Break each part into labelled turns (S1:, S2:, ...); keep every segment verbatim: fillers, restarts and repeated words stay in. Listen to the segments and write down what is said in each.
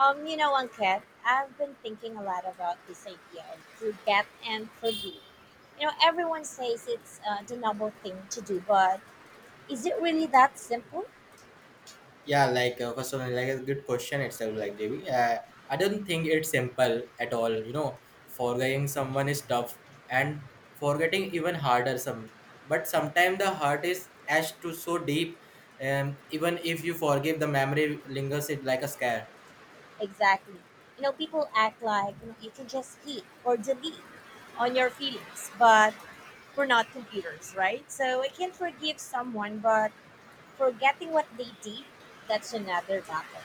S1: Um, you know, Cat, I've been thinking a lot about this idea of forget and forgive. You know, everyone says it's uh, the noble thing to do, but is it really that simple?
S2: Yeah, like uh, first of all, like a good question itself, like J B. Uh, I don't think it's simple at all. You know, forgetting someone is tough, and forgetting even harder. Some, but sometimes the hurt is etched to so deep. Um, even if you forgive, the memory lingers it like a scar.
S1: Exactly. You know, people act like you, know, you can just hit or delete on your feelings, but we're not computers, right? So I can forgive someone, but forgetting what they did, that's another battle.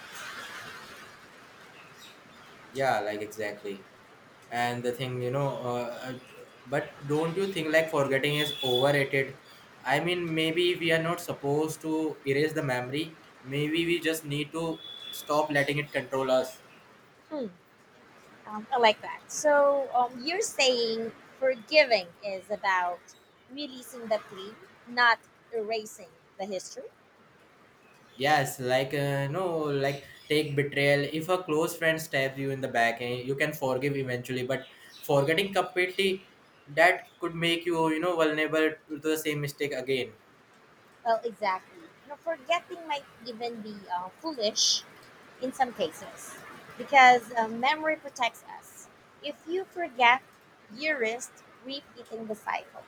S2: Yeah, like exactly. And the thing, you know uh, uh, but don't you think like forgetting is overrated? I mean, maybe we are not supposed to erase the memory. Maybe we just need to stop letting it control us.
S1: Hmm. Um, I like that. So um, you're saying forgiving is about releasing the pain, not erasing the history.
S2: Yes, like uh, no, like take betrayal. If a close friend stabs you in the back, eh, you can forgive eventually, but forgetting completely, that could make you, you know, vulnerable to the same mistake again.
S1: Well, exactly. You know, forgetting might even be uh, foolish in some cases because uh, memory protects us. If you forget, you risk repeating the cycle.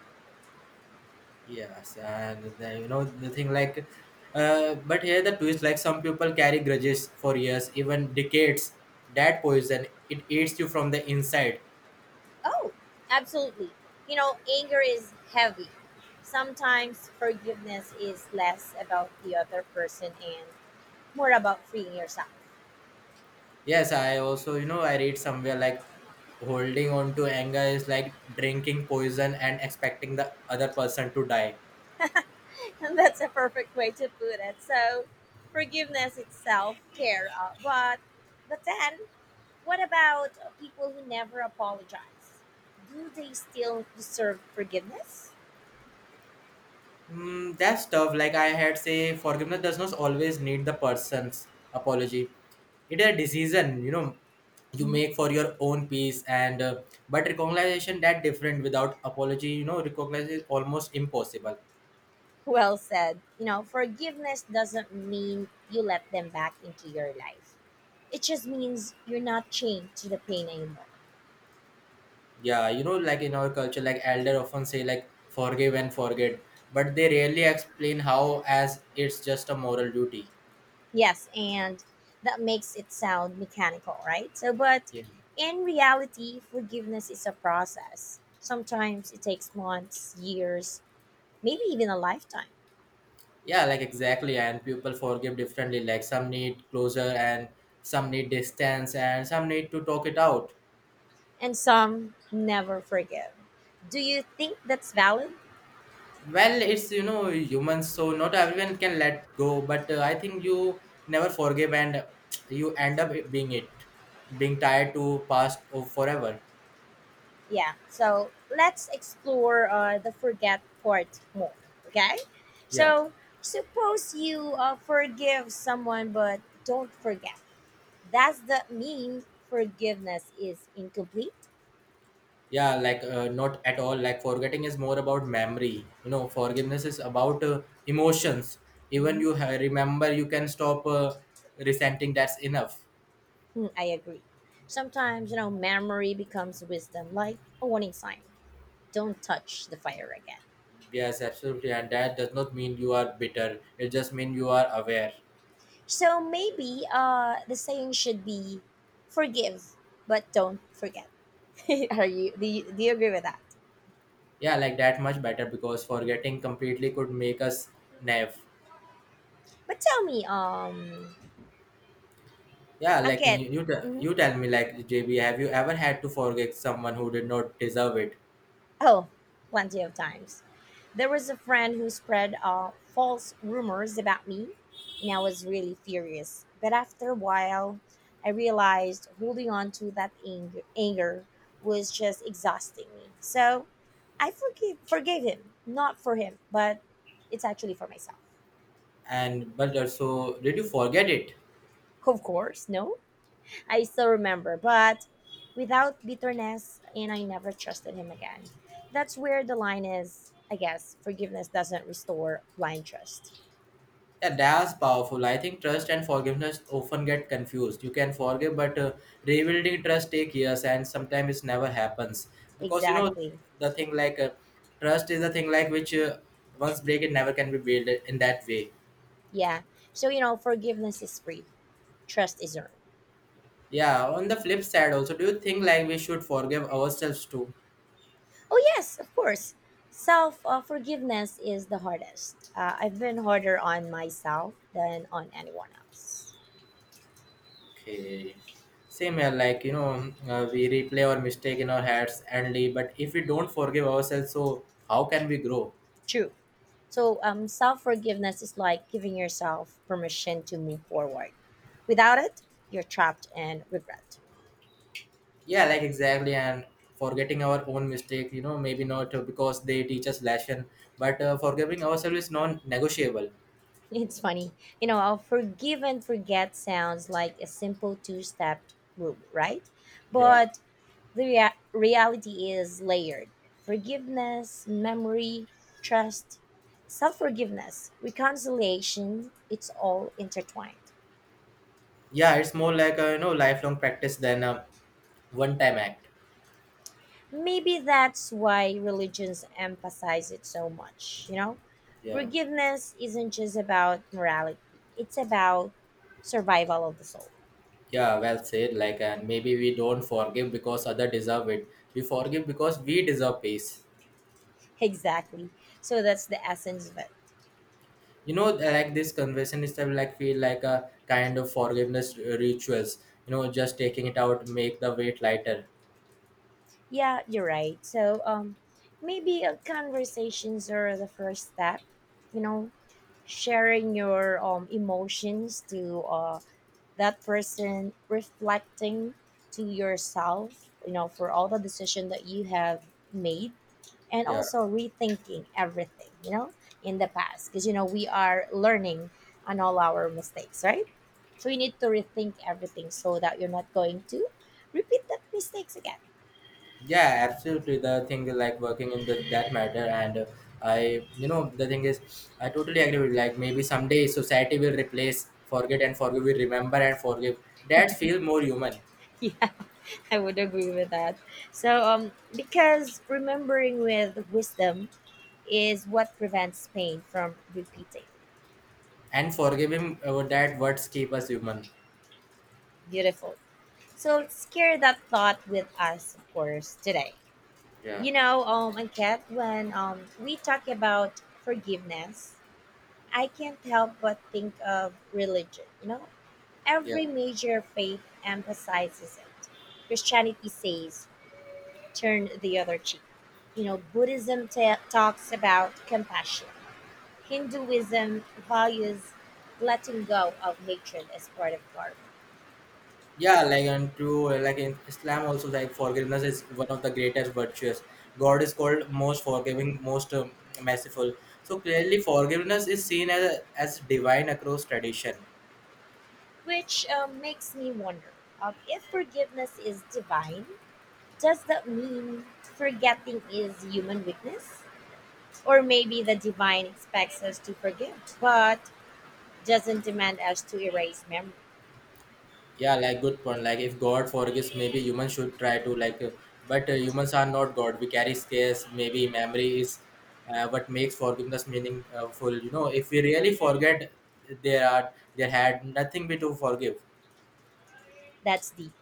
S2: Yes, and the, you know, the thing like, uh, but here the twist, like some people carry grudges for years, even decades. That poison, it eats you from the inside.
S1: Oh, absolutely. You know, anger is heavy. Sometimes forgiveness is less about the other person and more about freeing yourself.
S2: Yes, I also, you know, I read somewhere like holding on to anger is like drinking poison and expecting the other person to die.
S1: And that's a perfect way to put it. So, forgiveness is self care. Uh, but, but then, what about people who never apologize? Do they still deserve forgiveness?
S2: Mm, that's tough. Like I had say, forgiveness does not always need the person's apology. It is a decision, you know, you
S1: Mm-hmm.
S2: make for your own piece and uh, but recognition that different without apology, you know, recognize is almost impossible.
S1: Well said. You know, forgiveness doesn't mean you let them back into your life, it just means you're not chained to the pain anymore.
S2: Yeah, you know, like in our culture, like elder often say, like forgive and forget, but they rarely explain how, as it's just a moral duty.
S1: Yes, and that makes it sound mechanical, right? So, but
S2: Yeah,
S1: in reality, forgiveness is a process. Sometimes it takes months, years, maybe even a lifetime.
S2: yeah, like exactly. And people forgive differently, like some need closure and some need distance and some need to talk it out.
S1: And some never forgive. Do you think that's valid?
S2: Well, it's you know humans, so not everyone can let go. But uh, I think you never forgive, and you end up being it, being tied to past or forever.
S1: Yeah. So, let's explore uh, the forget part more, okay?
S2: Yeah,
S1: So, suppose you uh, forgive someone but don't forget. Does that mean forgiveness is incomplete?
S2: yeah, like uh, not at all. Like forgetting is more about memory. You know, forgiveness is about uh, emotions. Even
S1: Mm-hmm.
S2: you ha- remember, you can stop uh, resenting. That's enough.
S1: hmm I agree. Sometimes, you know, memory becomes wisdom, like a warning sign. Don't touch the fire again.
S2: Yes, absolutely, and that does not mean you are bitter. It just means you are aware.
S1: So maybe uh, the saying should be forgive, but don't forget. Are you do, you do you agree with that?
S2: Yeah, like that much better because forgetting completely could make us naive.
S1: But tell me, um,
S2: Yeah, like you
S1: Angket,
S2: you te-
S1: mhm,
S2: you tell me, like J B, have you ever had to forget someone who did not deserve it?
S1: Oh, plenty of times. There was a friend who spread uh, false rumors about me, and I was really furious. But after a while, I realized holding on to that ang- anger was just exhausting me. So I forgive forgave him, not for him, but it's actually for myself.
S2: And but also, did you forget it?
S1: Of course, no? I still remember, but without bitterness, and I never trusted him again. That's where the line is, I guess. Forgiveness doesn't restore blind trust.
S2: Yeah, that's powerful. I think trust and forgiveness often get confused. You can forgive, but uh, rebuilding trust take years, and sometimes it never happens because you know
S1: Exactly.
S2: the thing like, uh, trust is a thing like which, uh, once break it never can be built in that way.
S1: Yeah. So, you know, forgiveness is free, trust is earned.
S2: Yeah, on the flip side also, do you think like we should forgive ourselves too?
S1: Oh, yes, of course. Self uh, forgiveness is the hardest. Uh, I've been harder on myself than on anyone else.
S2: Okay. Same here, like you know, uh, we replay our mistake in our heads endly, but if we don't forgive ourselves, so how can we grow?
S1: True. So um, self forgiveness is like giving yourself permission to move forward. Without it, you're trapped in regret.
S2: Yeah, like exactly, and forgetting our own mistake, you know, maybe not uh, because they teach us lesson, but uh, forgiving ourselves is non-negotiable.
S1: It's funny, you know, how forgive and forget sounds like a simple two step rule, right?
S2: Yeah,
S1: But the rea- reality is layered forgiveness, memory, trust, self forgiveness, reconciliation, it's all intertwined.
S2: yeah, it's more like a you know lifelong practice than a one-time act.
S1: Maybe that's why religions emphasize it so much, you know?
S2: Yeah.
S1: Forgiveness isn't just about morality, it's about survival of the soul.
S2: Yeah, well said. Like, and maybe we don't forgive because other deserve it. We forgive because we deserve peace.
S1: Exactly. So that's the essence of it.
S2: You know, like this conversation is like feel like a kind of forgiveness rituals. You know, just taking it out make the weight lighter.
S1: Yeah, you're right. So um maybe uh, conversations are the first step, you know, sharing your um emotions to uh that person, reflecting to yourself, you know, for all the decision that you have made and
S2: Yeah,
S1: also rethinking everything, you know, in the past. Because, you know, we are learning on all our mistakes, right? So you need to rethink everything so that you're not going to repeat that mistakes again.
S2: yeah, absolutely. The thing is, like working in the, that matter, and uh, I, you know, the thing is, I totally agree with. Like maybe someday society will replace forget and forgive. We remember and forgive. That feel more human,
S1: Yeah, I would agree with that. So, um, because remembering with wisdom is what prevents pain from repeating.
S2: and forgiving uh, that words keep us human.
S1: Beautiful. So let's carry that thought with us, of course, today.
S2: Yeah.
S1: You know, um, Kat, when um, we talk about forgiveness, I can't help but think of religion. You know,
S2: Yeah,
S1: every major faith emphasizes it. Christianity says, turn the other cheek. You know, Buddhism ta talks about compassion. Hinduism values letting go of hatred as part of karma,
S2: yeah, like and to uh, like in Islam also, like forgiveness is one of the greatest virtues. God is called most forgiving, most um, merciful. So clearly, forgiveness is seen as as divine across tradition.
S1: which uh, makes me wonder uh, if forgiveness is divine, does that mean forgetting is human weakness? Or maybe the divine expects us to forgive, but doesn't demand us to erase memory.
S2: Yeah, like good point. Like if God forgives, maybe humans should try to like, uh, but uh, humans are not God. We carry scars. Maybe memory is uh, what makes forgiveness meaningful. You know, if we really forget, there are there had nothing we to forgive.
S1: That's deep.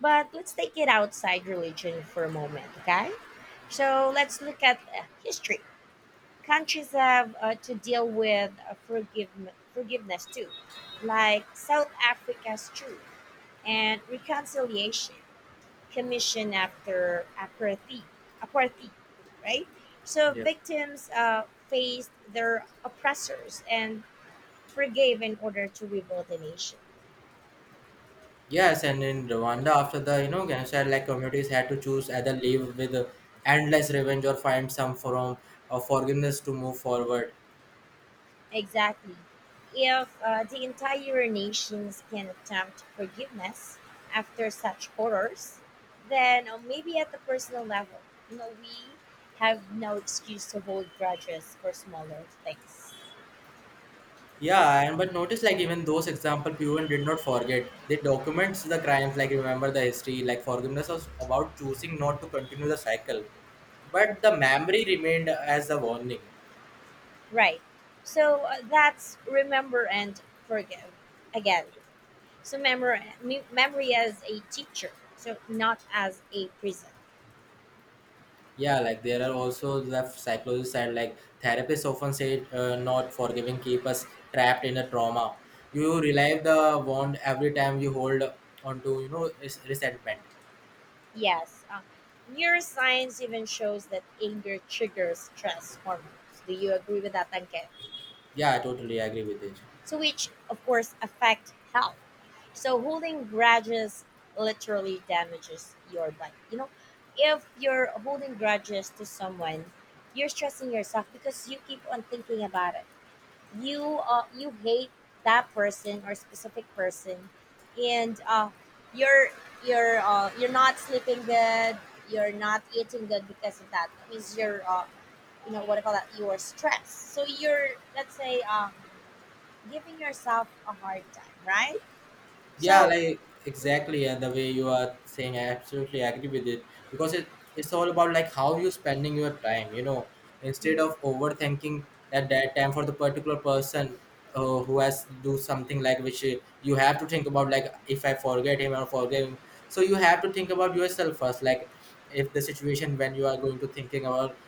S1: But let's take it outside religion for a moment, okay? So let's look at uh, history. Countries have uh, to deal with uh, forgive, forgiveness too, like South Africa's truth and reconciliation commission after apartheid, apartheid right? So
S2: Yeah.
S1: victims uh, faced their oppressors and forgave in order to rebuild the nation.
S2: Yes, and in Rwanda, after the you know genocide, like communities had to choose either live with endless revenge or find some form of forgiveness to move forward.
S1: Exactly. If uh, the entire nations can attempt forgiveness after such horrors, then uh, maybe at the personal level, you know, we have no excuse to hold grudges for smaller things.
S2: Yeah, and but notice like even those example, people did not forget. They documents the crimes, like remember the history, like forgiveness was about choosing not to continue the cycle, but the memory remained as a warning.
S1: Right. So uh, that's remember and forgive again. So memory, memory as a teacher, so not as a prison.
S2: Yeah, like there are also the psychologists and like therapists often say, uh, not forgiving keep us trapped in a trauma. You relive the wound every time you hold on to you know res- resentment.
S1: Yes. Uh, neuroscience even shows that anger triggers stress hormones. Do you agree with that, Tanke?
S2: Yeah, I totally agree with it.
S1: So, which, of course, affect health. So, holding grudges literally damages your body. You know, if you're holding grudges to someone, you're stressing yourself because you keep on thinking about it, you uh, you hate that person or specific person and uh, you're you're uh, you're not sleeping good, you're not eating good because of that, that means you're uh, you know what I call that, you are stressed, so you're, let's say, um, giving yourself a hard time, right?
S2: Yeah,
S1: So
S2: like
S1: mm,
S2: exactly, and the way you are saying, I absolutely agree with it because it it's all about like how you spending your time. You know,
S1: mm,
S2: instead of overthinking at that time for the particular person, uh, who has to do something like which, uh, you have to think about, like if I forget him or forget him. So you have to think about yourself first, like if the situation when you are going to thinking about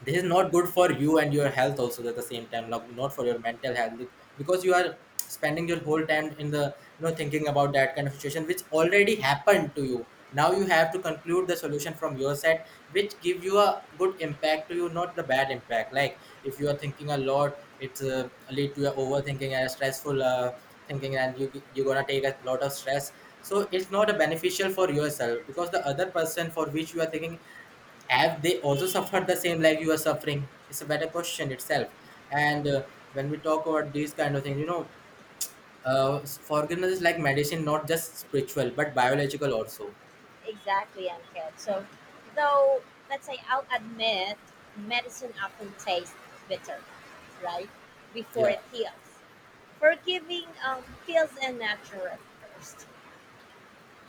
S2: this is not good for you and your health also at the same time, like not for your mental health, because you are spending your whole time in the you know thinking about that kind of situation which already happened to you. Now you have to conclude the solution from your side which give you a good impact to you, not the bad impact. Like if you are thinking a lot, it's uh, lead to your overthinking and stressful uh, thinking, and you you're gonna take a lot of stress. So it's not a beneficial for yourself because the other person for which you are thinking, have they also suffered the same like you are suffering? It's a better question itself. And uh, when we talk about these kind of things, you know, uh, forgiveness is like medicine, not just spiritual but biological also.
S1: exactly. And kid, so though let's say I'll admit medicine often tastes bitter, right, before
S2: Yeah.
S1: it heals. Forgiving um feels unnatural at first.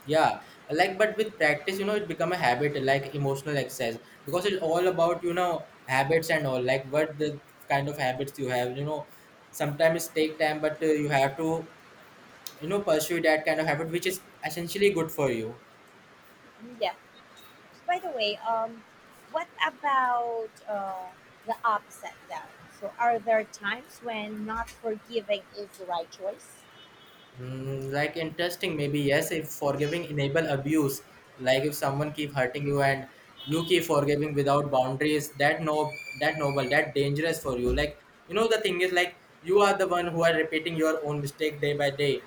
S2: Yeah, like but with practice, you know, it become a habit like emotional excess, because it's all about you know habits and all, like what the kind of habits you have, you know. Sometimes it take time, but uh, you have to you know pursue that kind of habit which is essentially good for you.
S1: Yeah. By the way, um, what about uh, the opposite though? So are there times when not forgiving is the right choice?
S2: Mm, like interesting. Maybe yes, if forgiving enable abuse. Like if someone keep hurting you and you keep forgiving without boundaries, that no, that noble, that dangerous for you. Like you know the thing is, like you are the one who are repeating your own mistake day by day.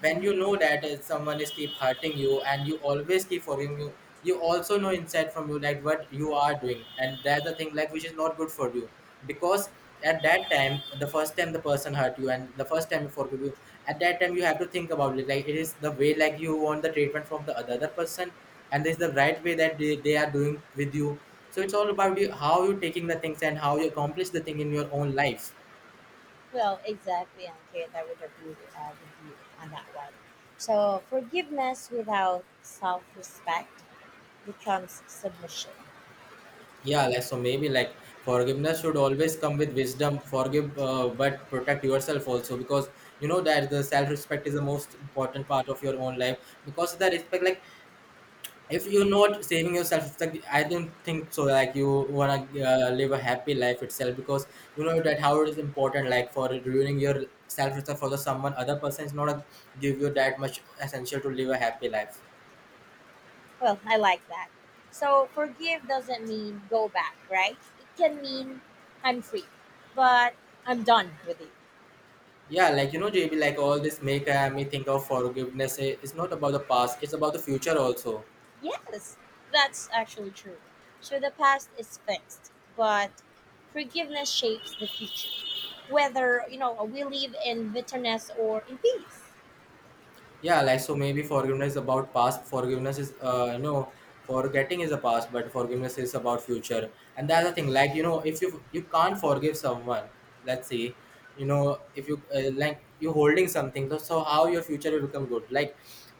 S2: When you know that, uh, someone is keep hurting you and you always keep forgiving, you you also know inside from you like what you are doing, and that's the thing like which is not good for you. Because at that time, the first time the person hurt you and the first time you forgive you, at that time you have to think about it, like it is the way like you want the treatment from the other person and this is the right way that they, they are doing with you. So it's all about you, how you taking the things and how you accomplish the thing in your own life.
S1: Well, exactly, Ankit. I would agree uh, with you on that one. So forgiveness without self-respect becomes submission.
S2: Yeah, like so maybe like forgiveness should always come with wisdom. Forgive, uh, but protect yourself also, because you know that the self-respect is the most important part of your own life, because the respect like if you're not saving yourself, it's like I don't think so like you want to uh, live a happy life itself, because you know that how it is important. Like for ruining your self respect for the someone other person is not a, give you that much essential to live a happy life.
S1: Well, I like that. So forgive doesn't mean go back, right? It can mean I'm free, but I'm done with you.
S2: Yeah, like you know JB, like all this make uh, me think of forgiveness, eh, it's not about the past, it's about the future also.
S1: Yes, that's actually true. So the past is fixed, but forgiveness shapes the future. Whether, you know, we live in bitterness or in peace.
S2: Yeah, like so maybe forgiveness about past, forgiveness is uh you know forgetting is the past but forgiveness is about future. And that's the thing, like you know, if you you can't forgive someone, let's say, you know, if you, uh, like you holding something, so so how your future will become good? Like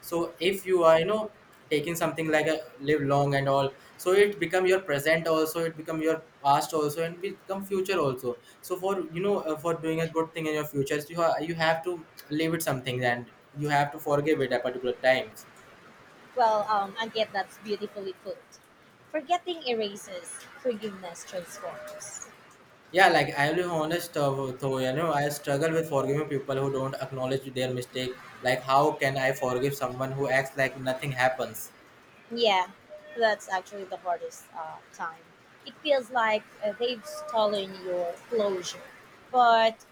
S2: so if you are you know taking something like a live long and all, so it become your present also, it become your past also, and will become future also. So for you know, uh, for doing a good thing in your future, so you, ha- you have to live with something and you have to forgive it at particular times.
S1: Well, um, I get that's beautifully put. Forgetting erases, forgiveness transforms.
S2: Yeah, like I'll be honest, uh, though you know I struggle with forgiving people who don't acknowledge their mistake. Like how can I forgive someone who acts like nothing happens?
S1: Yeah, that's actually the hardest uh, time. It feels like uh, they've stolen your closure. But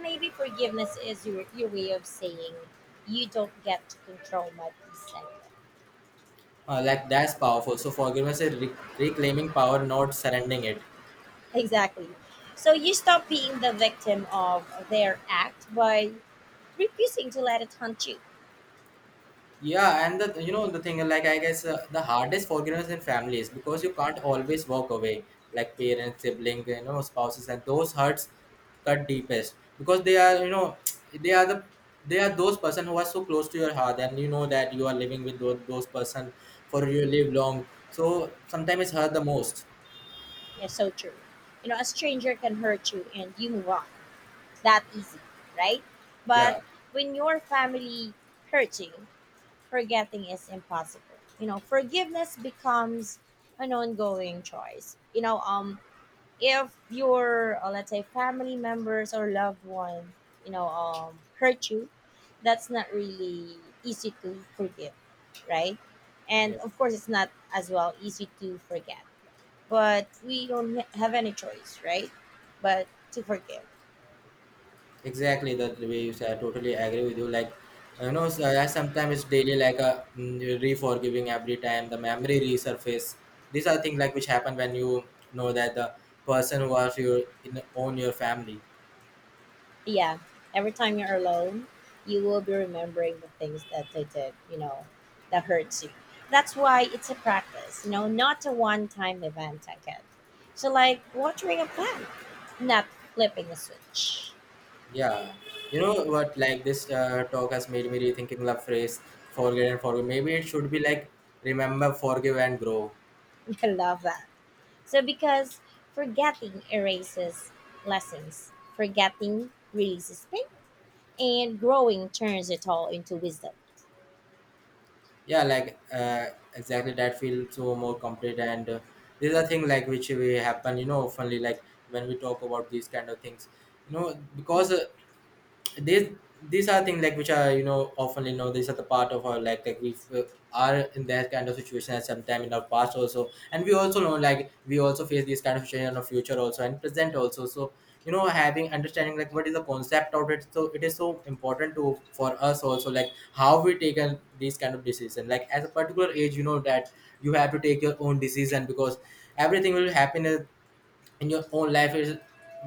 S1: maybe forgiveness is your, your way of saying you don't get to control my peace anymore.
S2: Uh, Like that's powerful, so forgiveness is re- reclaiming power, not surrendering it.
S1: Exactly. So you stop being the victim of their act by refusing to let it haunt you.
S2: Yeah, and the you know the thing, like, I guess uh, the hardest forgiveness in families, because you can't always walk away, like parents, sibling, you know, spouses, and those hurts cut deepest, because they are you know they are the they are those person who are so close to your heart. And you know that you are living with those, those person for your live long, so sometimes it's hurt the most.
S1: Yeah, so true. You know, a stranger can hurt you and you move on. That easy, right? But
S2: Yeah,
S1: when your family hurts you, forgetting is impossible. You know, forgiveness becomes an ongoing choice. You know, um, if your uh, let's say family members or loved one, you know, um, hurt you, that's not really easy to forgive, right? And
S2: yeah.
S1: of course, it's not as well easy to forget, but we don't ha- have any choice, right? But to forgive.
S2: Exactly the way you say. I totally agree with you. Like, you know, so I sometimes it's daily, like a mm, re-forgiving every time the memory resurface. These are things like which happen when you know that the person who was your in own your family.
S1: Yeah, every time you're alone you will be remembering the things that they did, you know, that hurts you. That's why it's a practice, you know, not a one-time event, I get. So like watering a plant, not flipping a switch.
S2: Yeah, you know what? Like this uh, talk has made me rethinking the phrase "forget and forgive." Maybe it should be like "remember, forgive, and grow."
S1: I love that. So because forgetting erases lessons, forgetting releases pain, and growing turns it all into wisdom.
S2: Yeah, like uh, exactly, that feels so more complete. And uh, these are things like which we happen, you know oftenly, like when we talk about these kind of things, you know because uh, these these are things like which are, you know often, you know these are the part of our, like like we uh, are in that kind of situation at some time in our past also. And we also know, like, we also face these kind of situation in our future also, and present also. So, you know having understanding, like what is the concept of it. So it is so important to for us also, like how we take on these kind of decision, like as a particular age. You know that you have to take your own decision, because everything will happen in your own life. It is,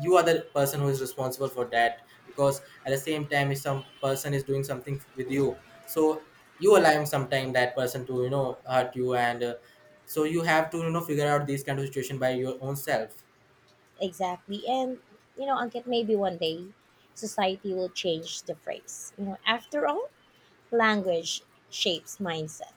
S2: you are the person who is responsible for that. Because at the same time, if some person is doing something with you, so you allowing sometime that person to you know hurt you. And uh, so you have to you know figure out these kind of situation by your own self.
S1: Exactly. And, you know, Ankit, maybe one day society will change the phrase. You know, after all, language shapes mindset.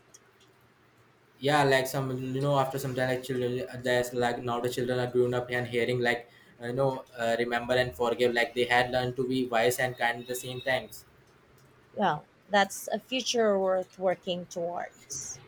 S2: Yeah, like some, you know after some time, like children uh, there's, like, now the children are grown up and hearing, like, uh, you know uh, remember and forgive, like they had learned to be wise and kind at the same times.
S1: Well, that's a future worth working towards.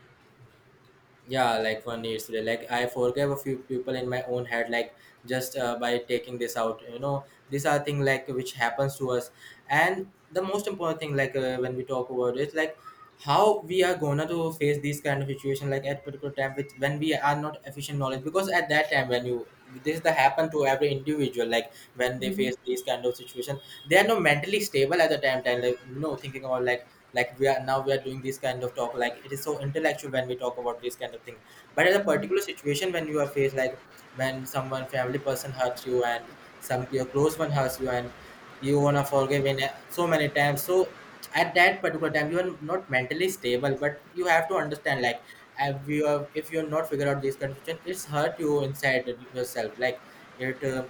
S2: Yeah, like one needs to, like, I forgave a few people in my own head, like just uh, by taking this out. You know these are things like which happens to us. And the most important thing, like, uh, when we talk about it, like how we are gonna to face these kind of situation, like at particular time, with when we are not efficient knowledge. Because at that time, when you, this is the happen to every individual, like when they
S1: hmm
S2: face these kind of situation, they are not mentally stable at the time time, like, you know thinking about, like like we are now we are doing this kind of talk, like it is so intellectual when we talk about this kind of thing. But at a
S1: hmm
S2: particular situation when you are faced, like when someone family person hurts you, and some your close one hurts you, and you wanna forgive in a- so many times. So at that particular time, you are not mentally stable, but you have to understand, like if you are if you're not figure out this kind of situation, it's hurt you inside yourself. Like it uh,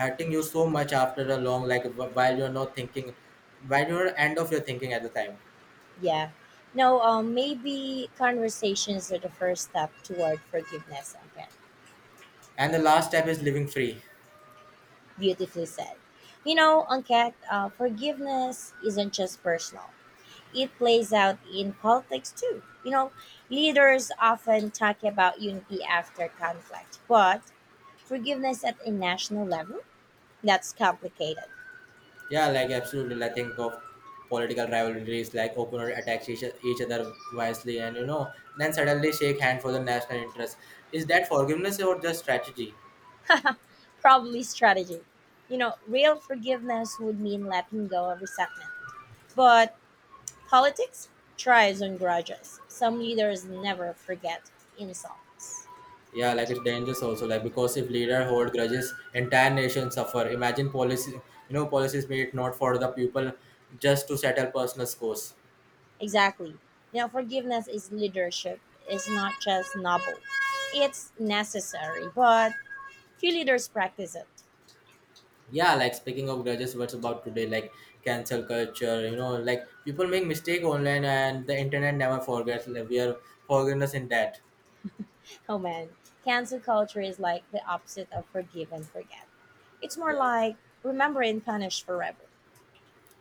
S2: hurting you so much after a long, like wh- while you're not thinking, while you're end of your thinking at the time.
S1: Yeah. No, um, maybe conversations are the first step toward forgiveness, Ankit.
S2: And the last step is living free.
S1: Beautifully said. You know, Ankit, uh, forgiveness isn't just personal. It plays out in politics too. You know, leaders often talk about unity after conflict, but forgiveness at a national level, that's complicated.
S2: Yeah, like absolutely. I think of political rivalries, like openly attacks each, each other wisely, and you know, then suddenly shake hand for the national interest. Is that forgiveness or just strategy?
S1: Probably strategy. You know, real forgiveness would mean letting go of resentment. But politics thrives on grudges. Some leaders never forget insults.
S2: Yeah, like it's dangerous also, like because if leader hold grudges, entire nation suffer. Imagine policy, you know, policies made not for the people, just to settle personal scores.
S1: Exactly. You know, forgiveness is leadership. It's not just noble. It's necessary, but few leaders practice it.
S2: Yeah, like speaking of grudges, what's about today, like cancel culture, you know like people make mistake online and the internet never forgets. Like, we are forgiveness in that.
S1: Oh man, cancel culture is like the opposite of forgive and forget. It's more
S2: Yeah,
S1: like remember and punish forever.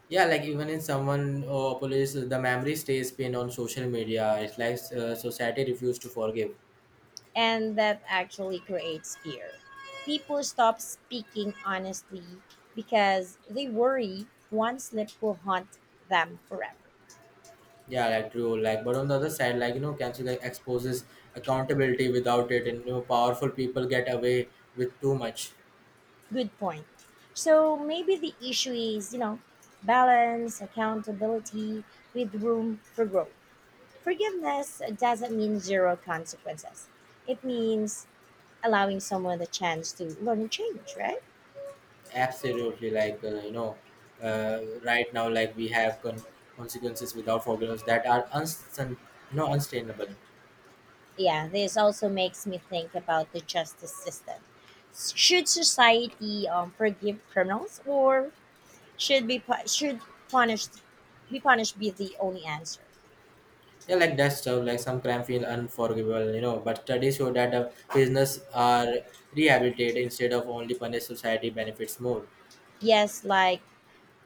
S2: yeah, like even in someone or police, the memory stays pinned on social media. It's like uh, society refuse to forgive.
S1: And that actually creates fear. People stop speaking honestly because they worry one slip will haunt them forever.
S2: Yeah, like true. Like, but on the other side, like, you know cancel like exposes accountability. Without it, and you know powerful people get away with too much.
S1: Good point. So maybe the issue is, you know, balance, accountability with room for growth. Forgiveness doesn't mean zero consequences. It means allowing someone the chance to learn and change, right?
S2: Absolutely. Like uh, you know uh, right now, like we have con- consequences without forgiveness that are unstant, you know unsustainable.
S1: Yeah, this also makes me think about the justice system. Should society um, forgive criminals, or should be pu- should punished be punished be the only answer?
S2: Yeah, like that stuff. Like some crime feel unforgivable, you know but studies show that uh, prisoners are rehabilitated. Instead of only punished, society benefits more.
S1: Yes, like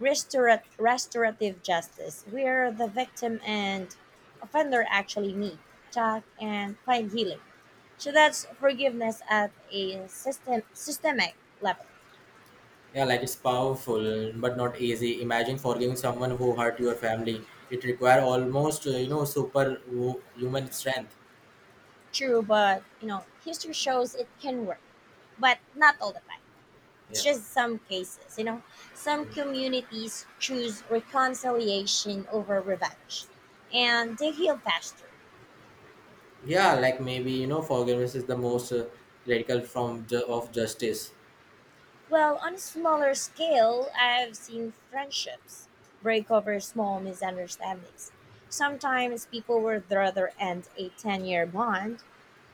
S1: restorat- restorative justice, where the victim and offender actually meet, talk, and find healing. So that's forgiveness at a system systemic level.
S2: Yeah, like it's powerful but not easy. Imagine forgiving someone who hurt your family. It requires almost uh, you know super wo- human strength.
S1: True, but you know, history shows it can work, but not all the time. It's
S2: Yeah.
S1: just some cases, you know. Some
S2: Mm.
S1: communities choose reconciliation over revenge, and they heal faster.
S2: Yeah, like maybe, you know forgiveness is the most uh, radical form ju- of justice.
S1: Well, on a smaller scale, I've seen friendships break over small misunderstandings. Sometimes people would rather end a ten year bond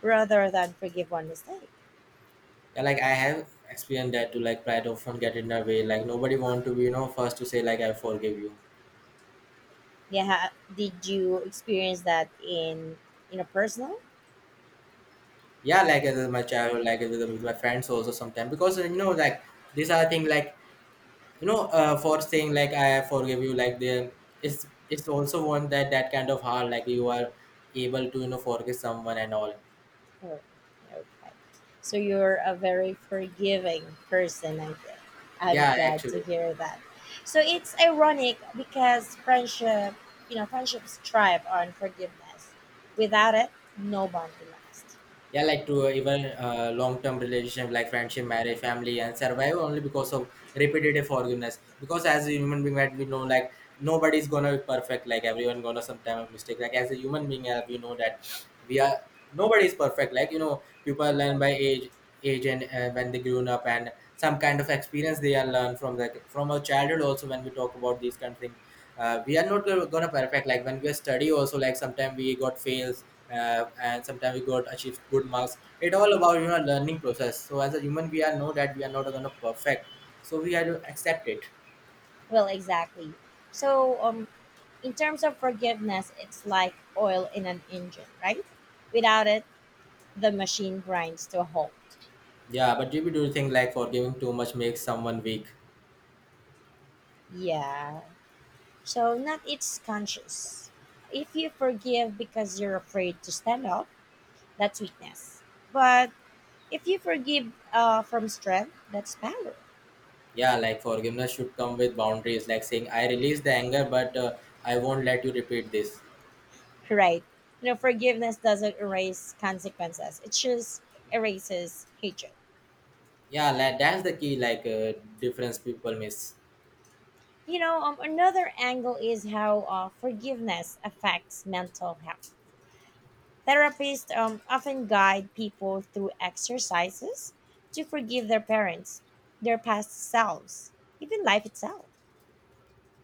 S1: rather than forgive one mistake.
S2: Yeah, like I have experienced that too. Like pride often get in the way. Like nobody want to be, you know first to say, like, I forgive you.
S1: Yeah, did you experience that in in a personal
S2: Yeah, like as my childhood, like with, with my friends also sometimes. Because you know like these are things like, you know uh, for saying, like, I forgive you. Like the, it's it's also one that that kind of hard. Like you are able to, you know forgive someone and all.
S1: Oh, okay. So you're a very forgiving person, I think. I'm
S2: Yeah,
S1: glad to
S2: actually.
S1: hear that. So it's ironic because friendship, you know, friendships thrive on forgiveness. Without it, no bond will last.
S2: Yeah, like to uh, even uh, long-term relationship, like friendship, marriage, family, and survive only because of repetitive forgiveness. Because as a human being, right, we know, like nobody's gonna be perfect. Like everyone gonna sometime mistake. Like as a human being, uh, we know that we are, nobody is perfect. Like, you know people learn by
S1: Exactly.
S2: age age. And uh, when they grown up and some kind of experience, they are learned from the from our childhood also. When we talk about these kind of things, uh, we are not go- gonna perfect. Like when we study also, like sometimes we got fails, uh, and sometimes we got achieved good marks. It all about, you know learning process. So as a human, we are know that we are not gonna perfect, so we have to accept it.
S1: Well, exactly. So, um, in terms of forgiveness, it's like oil in an engine, right? Without it, the machine grinds to a halt.
S2: Yeah, but do you do you think like forgiving too much makes someone weak?
S1: Yeah. So not it's conscious. If you forgive because you're afraid to stand up, that's weakness. But if you forgive uh, from strength, that's power,
S2: Yeah, like forgiveness should come with boundaries. Like saying I release the anger, but uh, I won't let you repeat this.
S1: right? You know, forgiveness doesn't erase consequences. It just erases hatred.
S2: Yeah, like, that's the key. Like uh, difference people miss.
S1: You know, um, another angle is how uh, forgiveness affects mental health. Therapists um, often guide people through exercises to forgive their parents, their past selves, even life itself.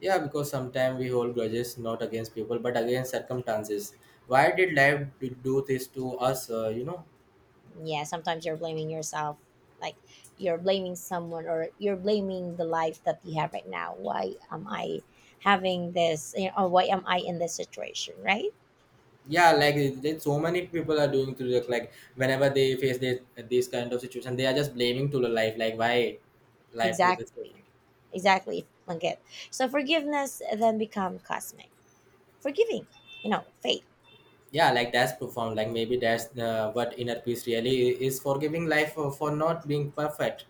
S2: Yeah, because sometimes we hold grudges not against people but against circumstances. Why did life do do this to us? Uh, you know,
S1: Yeah, sometimes you're blaming yourself, like you're blaming someone or you're blaming the life that you have right now. Why am I having this, you know, or why am I in this situation, right?
S2: yeah, like it- it- so many people are doing to the, like whenever they face this this kind of situation, they are just blaming to the life. Like why life do this to
S1: Exactly,
S2: me?
S1: exactly Langit. So forgiveness then become cosmic forgiving, you know, faith.
S2: Yeah, like that's profound. Like maybe that's uh, what inner peace really is, forgiving life for, for not being perfect.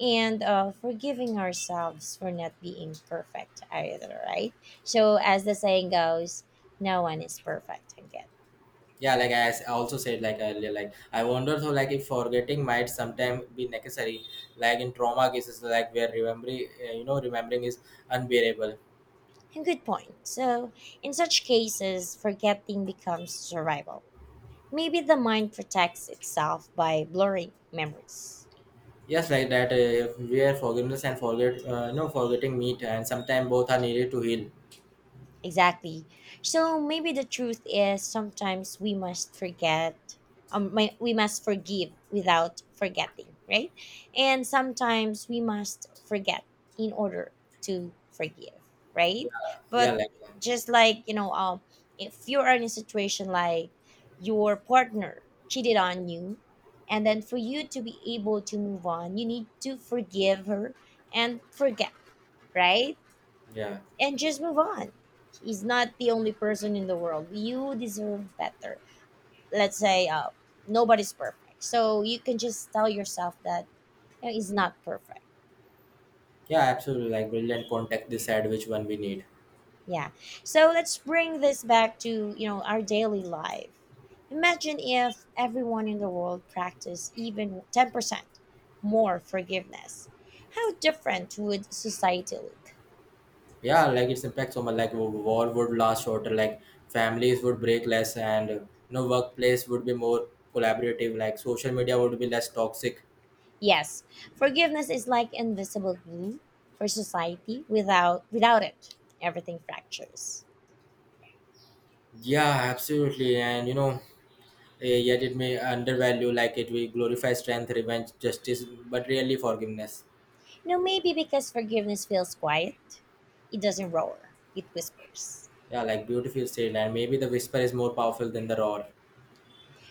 S1: And uh, forgiving ourselves for not being perfect either, right? So as the saying goes, no one is perfect Langit.
S2: Yeah, like I s- also said, like earlier, like I wonder though, like if forgetting might sometime be necessary, like in trauma cases, like where remembering uh, you know remembering is unbearable.
S1: Good point. So, in such cases, forgetting becomes survival. Maybe the mind protects itself by blurring memories.
S2: Yes, like that uh, if where forgiveness and forget uh, you know forgetting meet, and sometimes both are needed to heal.
S1: Exactly. So maybe the truth is sometimes we must forget, um, my, we must forgive without forgetting, right? And sometimes we must forget in order to forgive, right?
S2: Yeah, yeah,
S1: But
S2: like um,
S1: just like you know, um, if you are in a situation like your partner cheated on you, and then for you to be able to move on, you need to forgive her and forget, right?
S2: yeah,
S1: And just move on. He's not the only person in the world. You deserve better. Let's say uh, nobody's perfect. So you can just tell yourself that, you know, it's not perfect.
S2: yeah, absolutely. Like brilliant context decide which one we need.
S1: Yeah. So let's bring this back to, you know, our daily life. Imagine if everyone in the world practiced even ten percent more forgiveness. How different would society look?
S2: Yeah, like its impacts so much. Like w- war would last shorter. Like families would break less, and you know workplace would be more collaborative. Like social media would be less toxic.
S1: Yes, forgiveness is like invisible glue for society. Without without it, everything fractures.
S2: Yeah, absolutely. And you know eh, yet it may undervalue, like it will glorify strength, revenge, justice, but really forgiveness.
S1: You know, maybe because forgiveness feels quiet, it doesn't roar, it whispers.
S2: Yeah, like beautiful said. And maybe the whisper is more powerful than the roar.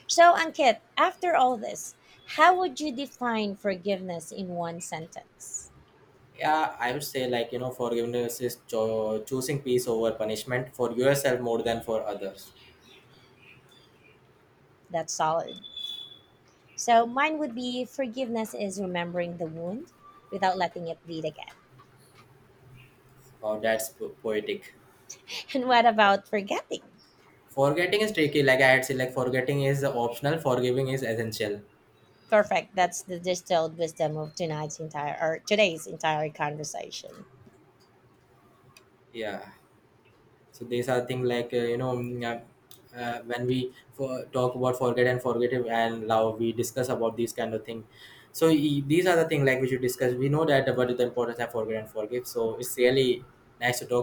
S1: So, Ankit, after all this, how would you define forgiveness in one sentence?
S2: Yeah, I would say, like, you know forgiveness is cho- choosing peace over punishment for yourself more than for others.
S1: That's solid. So, mine would be forgiveness is remembering the wound without letting it bleed again.
S2: Oh, that's po- poetic.
S1: And what about forgetting?
S2: Forgetting is tricky, like I had said, like forgetting is optional, forgiving is essential.
S1: Perfect. That's the distilled wisdom of tonight's entire or today's entire conversation.
S2: Yeah. So these are things like uh, you know mm, uh, uh, when we for, talk about forget and forgive and love, we discuss about these kind of thing. So e- these are the things like we should discuss. We know that about the importance of forget and forgive. So it's really nice to talk.